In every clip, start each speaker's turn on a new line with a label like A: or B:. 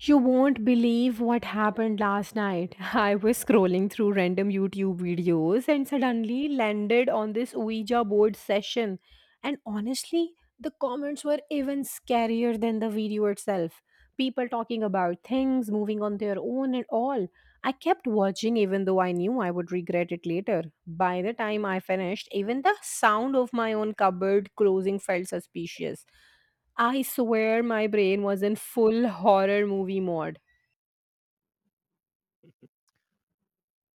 A: You won't believe what happened last night. I was scrolling through random YouTube videos and suddenly landed on this Ouija board session. And honestly, the comments were even scarier than the video itself. People talking about things, moving on their own, and all. I kept watching even though I knew I would regret it later. By the time I finished, even the sound of my own cupboard closing felt suspicious. I swear my brain was in full horror movie mode.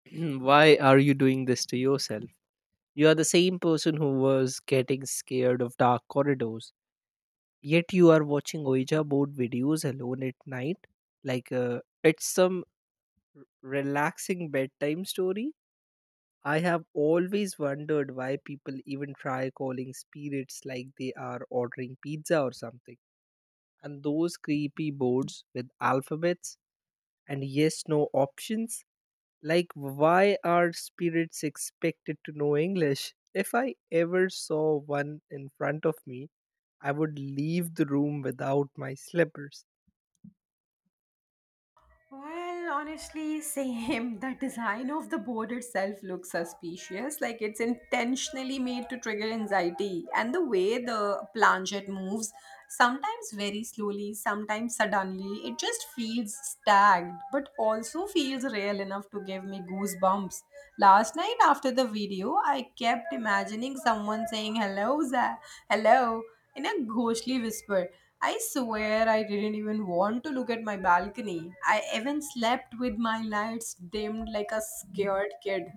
B: Why are you doing this to yourself? You are the same person who was getting scared of dark corridors, yet you are watching Ouija board videos alone at night. Like, it's some relaxing bedtime story. I have always wondered why people even try calling spirits like they are ordering pizza or something. And those creepy boards with alphabets and yes no options. Like, why are spirits expected to know English? If I ever saw one in front of me, I would leave the room without my slippers.
A: Well, honestly, same. The design of the board itself looks suspicious, like it's intentionally made to trigger anxiety. And the way the planchette moves, sometimes very slowly, sometimes suddenly, it just feels stagged, but also feels real enough to give me goosebumps. Last night after the video, I kept imagining someone saying, "Hello, hello," in a ghostly whisper. I swear I didn't even want to look at my balcony. I even slept with my lights dimmed like a scared kid.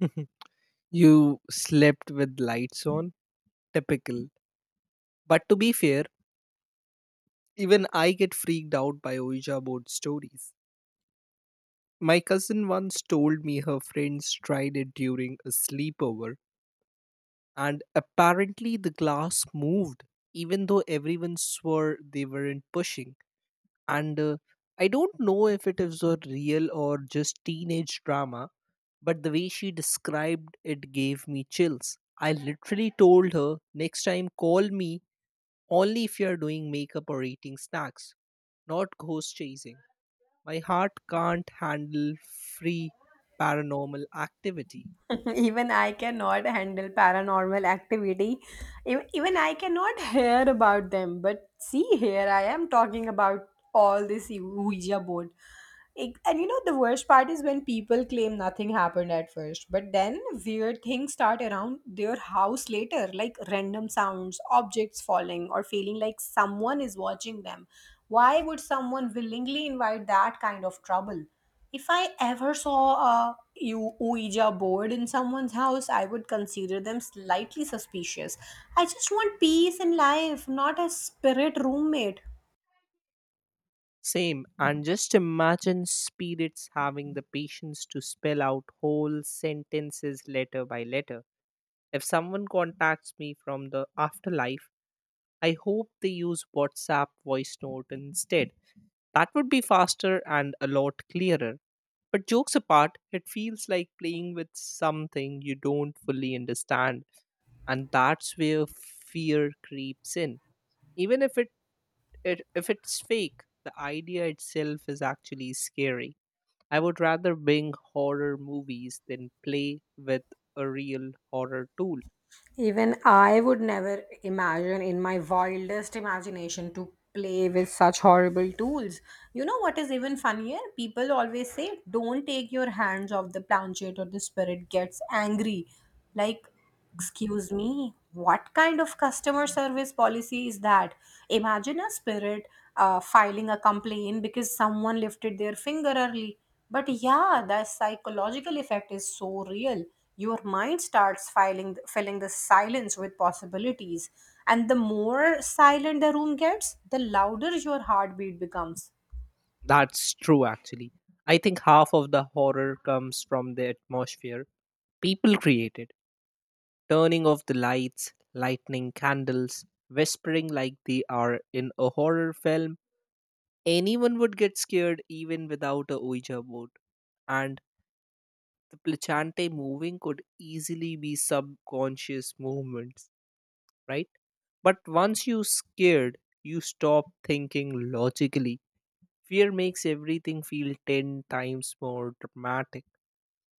B: You slept with lights on? Typical. But to be fair, even I get freaked out by Ouija board stories. My cousin once told me her friends tried it during a sleepover, and apparently the glass moved, even though everyone swore they weren't pushing. And I don't know if it is a real or just teenage drama, but the way she described it gave me chills. I literally told her next time call me only if you are doing makeup or eating snacks, not ghost chasing. My heart can't handle free paranormal activity.
A: Even I cannot handle paranormal activity. Even I cannot hear about them. But see here, I am talking about all this Ouija board. And you know, the worst part is when people claim nothing happened at first, but then weird things start around their house later, like random sounds, objects falling, or feeling like someone is watching them. Why would someone willingly invite that kind of trouble? If I ever saw a Ouija board in someone's house, I would consider them slightly suspicious. I just want peace in life, not a spirit roommate.
B: Same. And just imagine spirits having the patience to spell out whole sentences letter by letter. If someone contacts me from the afterlife, I hope they use WhatsApp voice note instead. That would be faster and a lot clearer. But jokes apart, it feels like playing with something you don't fully understand, and that's where fear creeps in. Even if it, it If it's fake, the idea itself is actually scary. I would rather bing horror movies than play with a real horror tool.
A: Even I would never imagine in my wildest imagination to play with such horrible tools. You know what is even funnier? People always say, don't take your hands off the planchet or the spirit gets angry. Like, excuse me, what kind of customer service policy is that? Imagine a spirit filing a complaint because someone lifted their finger early. But yeah, the psychological effect is so real. Your mind starts filling the silence with possibilities. And the more silent the room gets, the louder your heartbeat becomes.
B: That's true, actually. I think half of the horror comes from the atmosphere people created. Turning off the lights, lighting candles, whispering like they are in a horror film. Anyone would get scared even without a Ouija board. And the placente moving could easily be subconscious movements, right? But once you scared, you stop thinking logically. Fear makes everything feel 10 times more dramatic.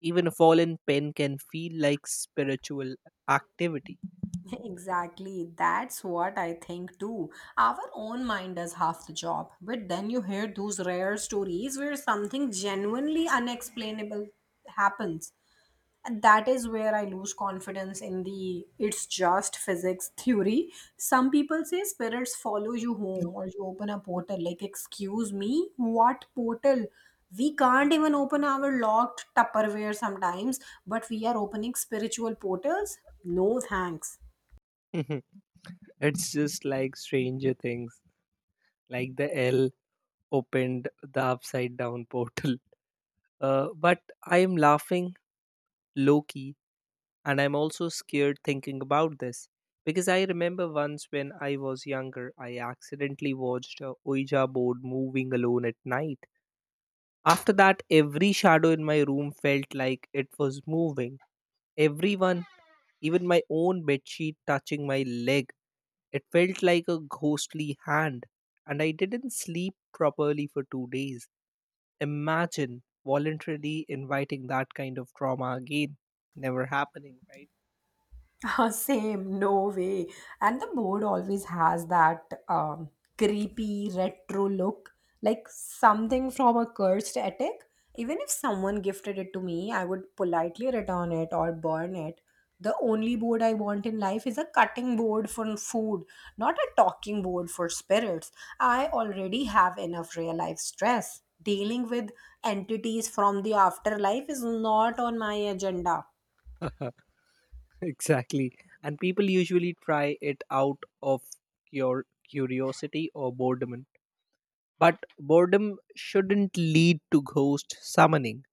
B: Even a fallen pen can feel like spiritual activity.
A: Exactly, that's what I think too. Our own mind does half the job, but then you hear those rare stories where something genuinely unexplainable happens. And that is where I lose confidence in the it's just physics theory. Some people say spirits follow you home or you open a portal. Like, excuse me, what portal? We can't even open our locked Tupperware sometimes, but we are opening spiritual portals? No thanks.
B: It's just like Stranger Things, like the L opened the upside down portal. But I am laughing low key, and I'm also scared thinking about this because I remember once when I was younger, I accidentally watched a Ouija board moving alone at night. After that, every shadow in my room felt like it was moving. Everyone, even my own bedsheet touching my leg, it felt like a ghostly hand, and I didn't sleep properly for 2 days. Imagine voluntarily inviting that kind of trauma again. Never happening, right?
A: Same, no way. And the board always has that um, creepy retro look, like something from a cursed attic. Even if someone gifted it to me, I would politely return it or burn it. The only board I want in life is a cutting board for food, not a talking board for spirits. I already have enough real life stress. Dealing with entities from the afterlife is not on my agenda.
B: Exactly. And people usually try it out of your curiosity or boredom. But boredom shouldn't lead to ghost summoning.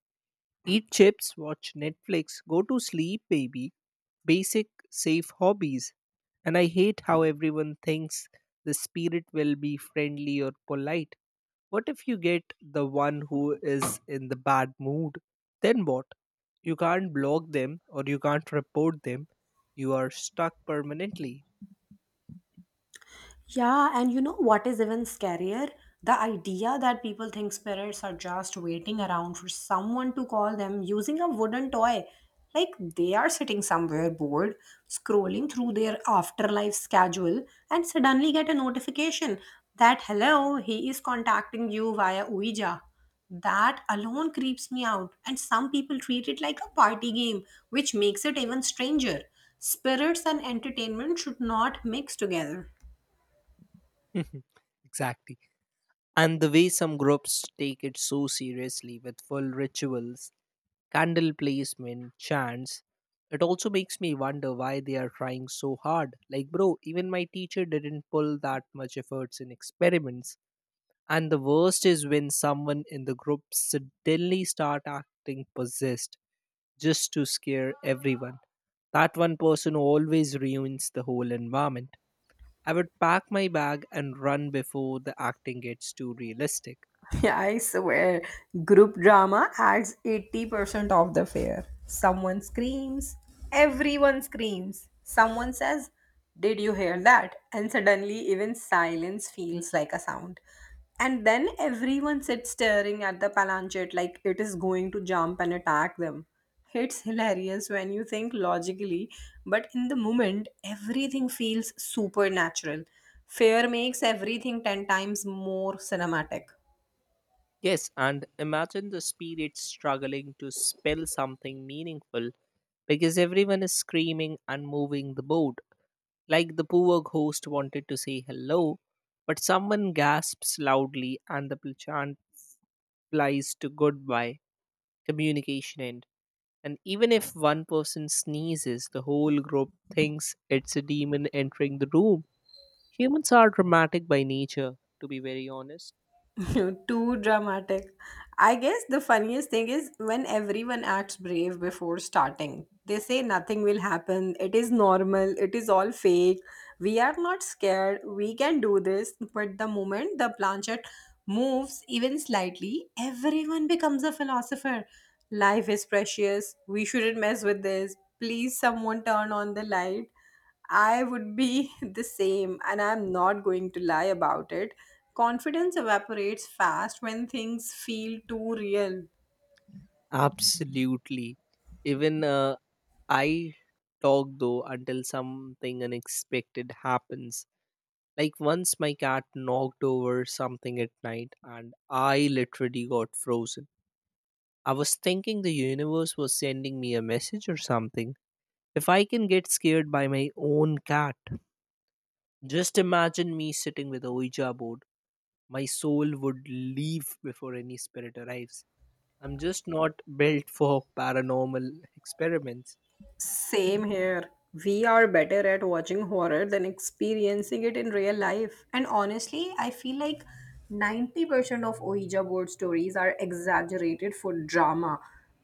B: Eat chips, watch Netflix, go to sleep, baby. Basic, safe hobbies. And I hate how everyone thinks the spirit will be friendly or polite. What if you get the one who is in the bad mood? Then what? You can't block them or you can't report them. You are stuck permanently.
A: Yeah, and you know what is even scarier? The idea that people think spirits are just waiting around for someone to call them using a wooden toy. Like, they are sitting somewhere bored, scrolling through their afterlife schedule, and suddenly get a notification that hello, he is contacting you via Ouija. That alone creeps me out, and some people treat it like a party game, which makes it even stranger. Spirits and entertainment should not mix together.
B: Exactly. And the way some groups take it so seriously with full rituals, candle placement, chants. It also makes me wonder why they are trying so hard. Like, bro, even my teacher didn't pull that much efforts in experiments. And the worst is when someone in the group suddenly start acting possessed just to scare everyone. That one person always ruins the whole environment. I would pack my bag and run before the acting gets too realistic.
A: Yeah, I swear, group drama adds 80% of the fare. Someone screams, everyone screams. Someone says, did you hear that? And suddenly, even silence feels like a sound. And then everyone sits staring at the planchet like it is going to jump and attack them. It's hilarious when you think logically, but in the moment, everything feels supernatural. Fear makes everything 10 times more cinematic.
B: Yes, and imagine the spirit struggling to spell something meaningful because everyone is screaming and moving the board. Like the poor ghost wanted to say hello, but someone gasps loudly and the chant flies to goodbye, communication end. And even if one person sneezes, the whole group thinks it's a demon entering the room. Humans are dramatic by nature, to be very honest.
A: Too dramatic. I guess the funniest thing is when everyone acts brave before starting. They say nothing will happen, it is normal, it is all fake, we are not scared, we can do this. But the moment the planchet moves even slightly, everyone becomes a philosopher. Life is precious, we shouldn't mess with this. Please, someone turn on the light. I would be the same, and I'm not going to lie about it. Confidence evaporates fast when things feel too real.
B: Absolutely. Even I talk though until something unexpected happens. Like once my cat knocked over something at night and I literally got frozen. I was thinking the universe was sending me a message or something. If I can get scared by my own cat, just imagine me sitting with a Ouija board. My soul would leave before any spirit arrives. I'm just not built for paranormal experiments.
A: Same here. We are better at watching horror than experiencing it in real life. And honestly, I feel like 90% of Ouija board stories are exaggerated for drama.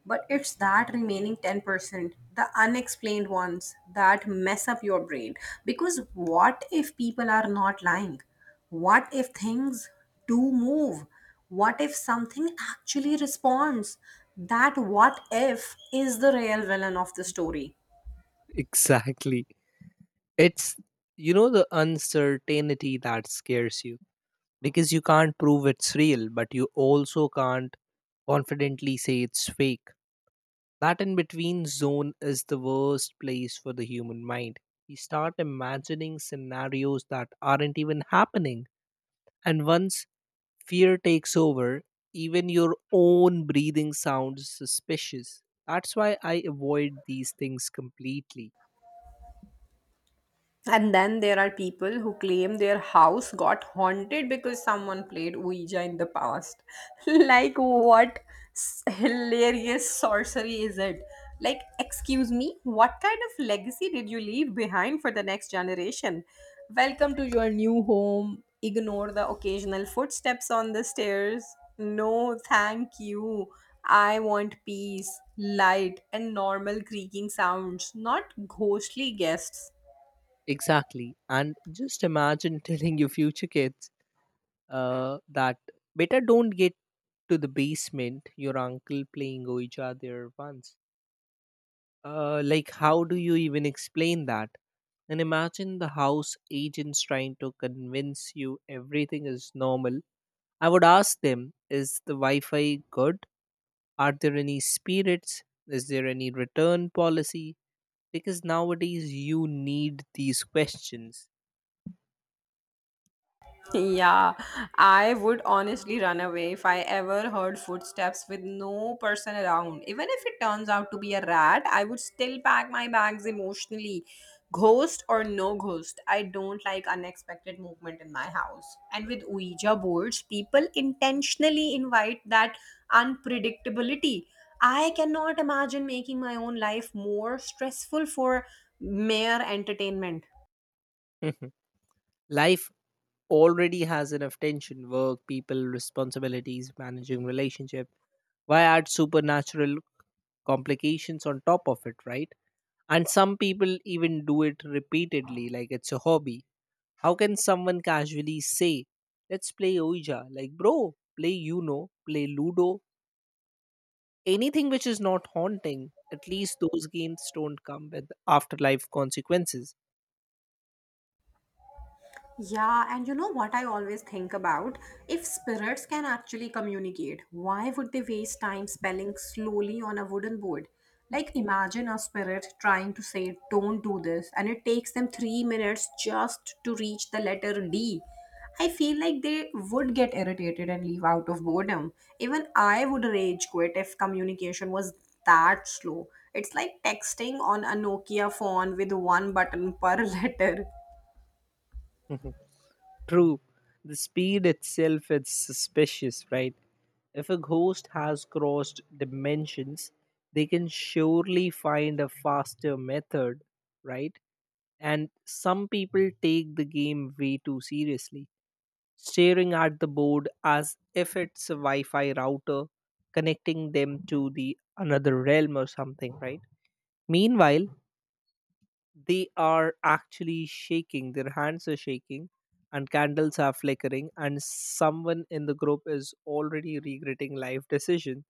A: But it's that remaining 10%, the unexplained ones, that mess up your brain. Because what if people are not lying? What if things do move? What if something actually responds? That what if is the real villain of the story.
B: Exactly. It's, you know, the uncertainty that scares you because you can't prove it's real, but you also can't confidently say it's fake. That in between zone is the worst place for the human mind. You start imagining scenarios that aren't even happening, and once fear takes over, even your own breathing sounds suspicious. That's why I avoid these things completely.
A: And then there are people who claim their house got haunted because someone played Ouija in the past. Like, what hilarious sorcery is it? Like, excuse me, what kind of legacy did you leave behind for the next generation? Welcome to your new home. Ignore the occasional footsteps on the stairs. No, thank you. I want peace, light, and normal creaking sounds, not ghostly guests.
B: Exactly. And just imagine telling your future kids that better don't get to the basement, your uncle playing ouija there once. Like, how do you even explain that? And imagine the house agents trying to convince you everything is normal. I would ask them, is the wi-fi good, are there any spirits, is there any return policy, because nowadays you need these questions.
A: Yeah, I would honestly run away if I ever heard footsteps with no person around. Even if it turns out to be a rat, I would still pack my bags emotionally. Ghost or no ghost, I don't like unexpected movement in my house. And with Ouija boards, people intentionally invite that unpredictability. I cannot imagine making my own life more stressful for mere entertainment.
B: Life already has enough tension, work, people, responsibilities, managing relationship. Why add supernatural complications on top of it, right? And some people even do it repeatedly like it's a hobby. How can someone casually say let's play ouija? Like, bro, play play ludo, anything which is not haunting. At least those games don't come with afterlife consequences.
A: Yeah, and you know what I always think about? If spirits can actually communicate, why would they waste time spelling slowly on a wooden board? Like, imagine a spirit trying to say, don't do this, and it takes them 3 minutes just to reach the letter D. I feel like they would get irritated and leave out of boredom. Even I would rage quit if communication was that slow. It's like texting on a Nokia phone with one button per letter.
B: True, the speed itself is suspicious, right? If a ghost has crossed dimensions, they can surely find a faster method, right? And some people take the game way too seriously, staring at the board as if it's a Wi-Fi router connecting them to the another realm or something, right? Meanwhile, they are actually shaking, their hands are shaking and candles are flickering and someone in the group is already regretting life decision.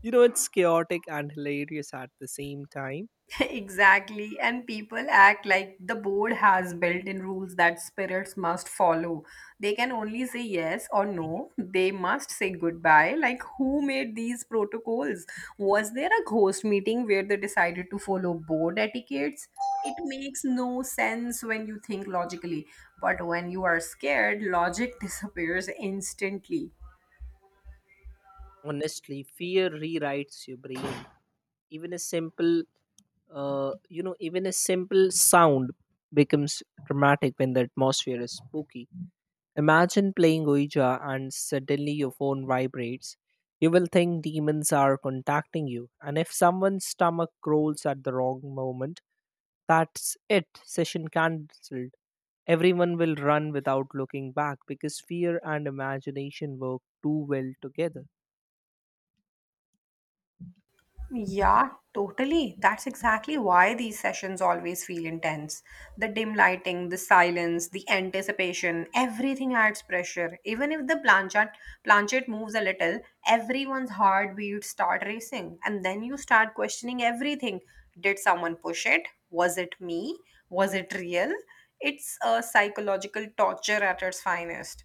B: You know, it's chaotic and hilarious at the same time.
A: Exactly, and people act like the board has built in rules that spirits must follow. They can only say yes or no. They must say goodbye. Like, who made these protocols? Was there a ghost meeting where they decided to follow board etiquettes? It makes no sense when you think logically, but when you are scared, logic disappears instantly.
B: Honestly, fear rewrites your brain. Even a simple even a simple sound becomes dramatic when the atmosphere is spooky. Imagine playing ouija and suddenly your phone vibrates. You will think demons are contacting you. And if someone's stomach growls at the wrong moment, that's it, session cancelled. Everyone will run without looking back because fear and imagination work too well together.
A: Yeah, totally. That's exactly why these sessions always feel intense. The dim lighting, the silence, the anticipation, everything adds pressure. Even if the planchet moves a little, everyone's heartbeats start racing, and then you start questioning everything. Did someone push it? Was it me? Was it real? It's a psychological torture at its finest.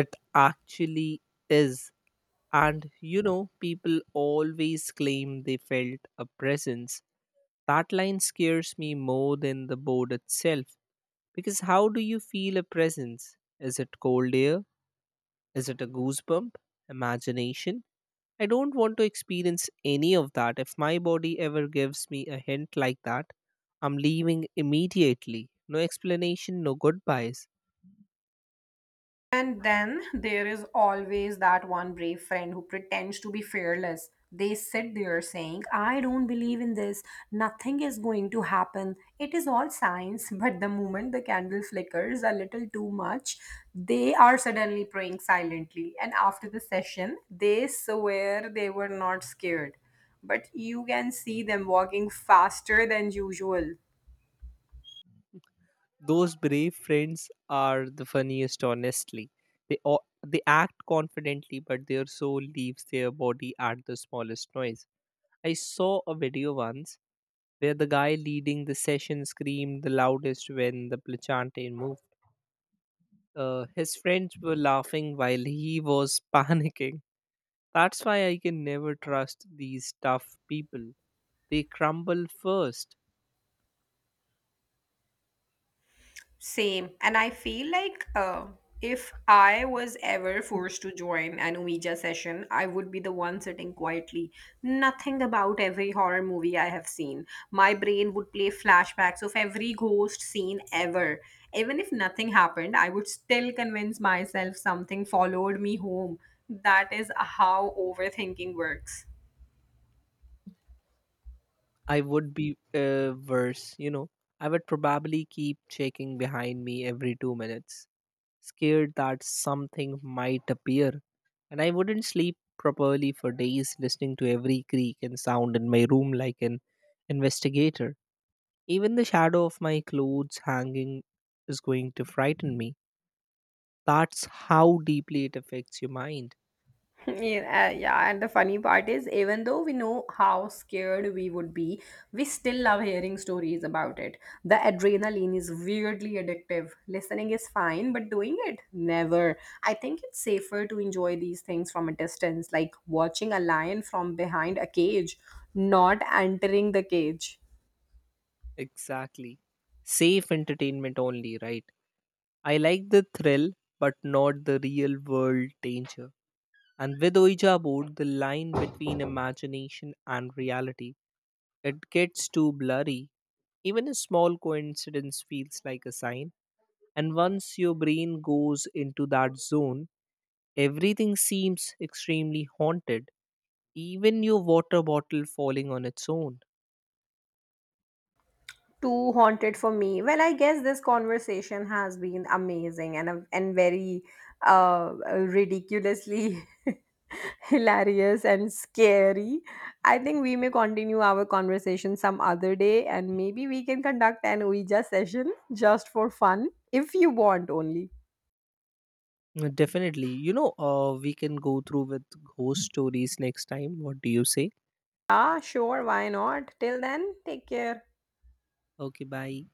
B: It actually is. And you know, people always claim they felt a presence. That line scares me more than the board itself. Because how do you feel a presence? Is it cold air? Is it a goosebump? Imagination? I don't want to experience any of that. If my body ever gives me a hint like that, I'm leaving immediately. No explanation, no goodbyes.
A: And then there is always that one brave friend who pretends to be fearless. They sit there saying, I don't believe in this. Nothing is going to happen. It is all science. But the moment the candle flickers a little too much, they are suddenly praying silently. And after the session, they swear they were not scared. But you can see them walking faster than usual.
B: Those brave friends are the funniest, honestly. They, o- they act confidently, but their soul leaves their body at the smallest noise. I saw a video once where the guy leading the session screamed the loudest when the planchante moved. His friends were laughing while he was panicking. That's why I can never trust these tough people. They crumble first.
A: Same. And I feel like if I was ever forced to join an Ouija session, I would be the one sitting quietly. Nothing about every horror movie I have seen. My brain would play flashbacks of every ghost scene ever. Even if nothing happened, I would still convince myself something followed me home. That is how overthinking works.
B: I would be worse, you know. I would probably keep checking behind me every 2 minutes, scared that something might appear. And I wouldn't sleep properly for days, listening to every creak and sound in my room like an investigator. Even the shadow of my clothes hanging is going to frighten me. That's how deeply it affects your mind.
A: Yeah, and the funny part is, even though we know how scared we would be, we still love hearing stories about it. The adrenaline is weirdly addictive. Listening is fine, but doing it, never. I think it's safer to enjoy these things from a distance, like watching a lion from behind a cage, not entering the cage.
B: Exactly. Safe entertainment only, right? I like the thrill, but not the real world danger. And with Ouija board, the line between imagination and reality, it gets too blurry. Even a small coincidence feels like a sign. And once your brain goes into that zone, everything seems extremely haunted. Even your water bottle falling on its own.
A: Too haunted for me. Well, I guess this conversation has been amazing and very uh ridiculously hilarious and scary. I think we may continue our conversation some other day, and maybe we can conduct an Ouija session just for fun if you want only.
B: Definitely. You know, we can go through with ghost stories next time. What do you say?
A: Ah, sure, why not? Till then, take care.
B: Okay, bye.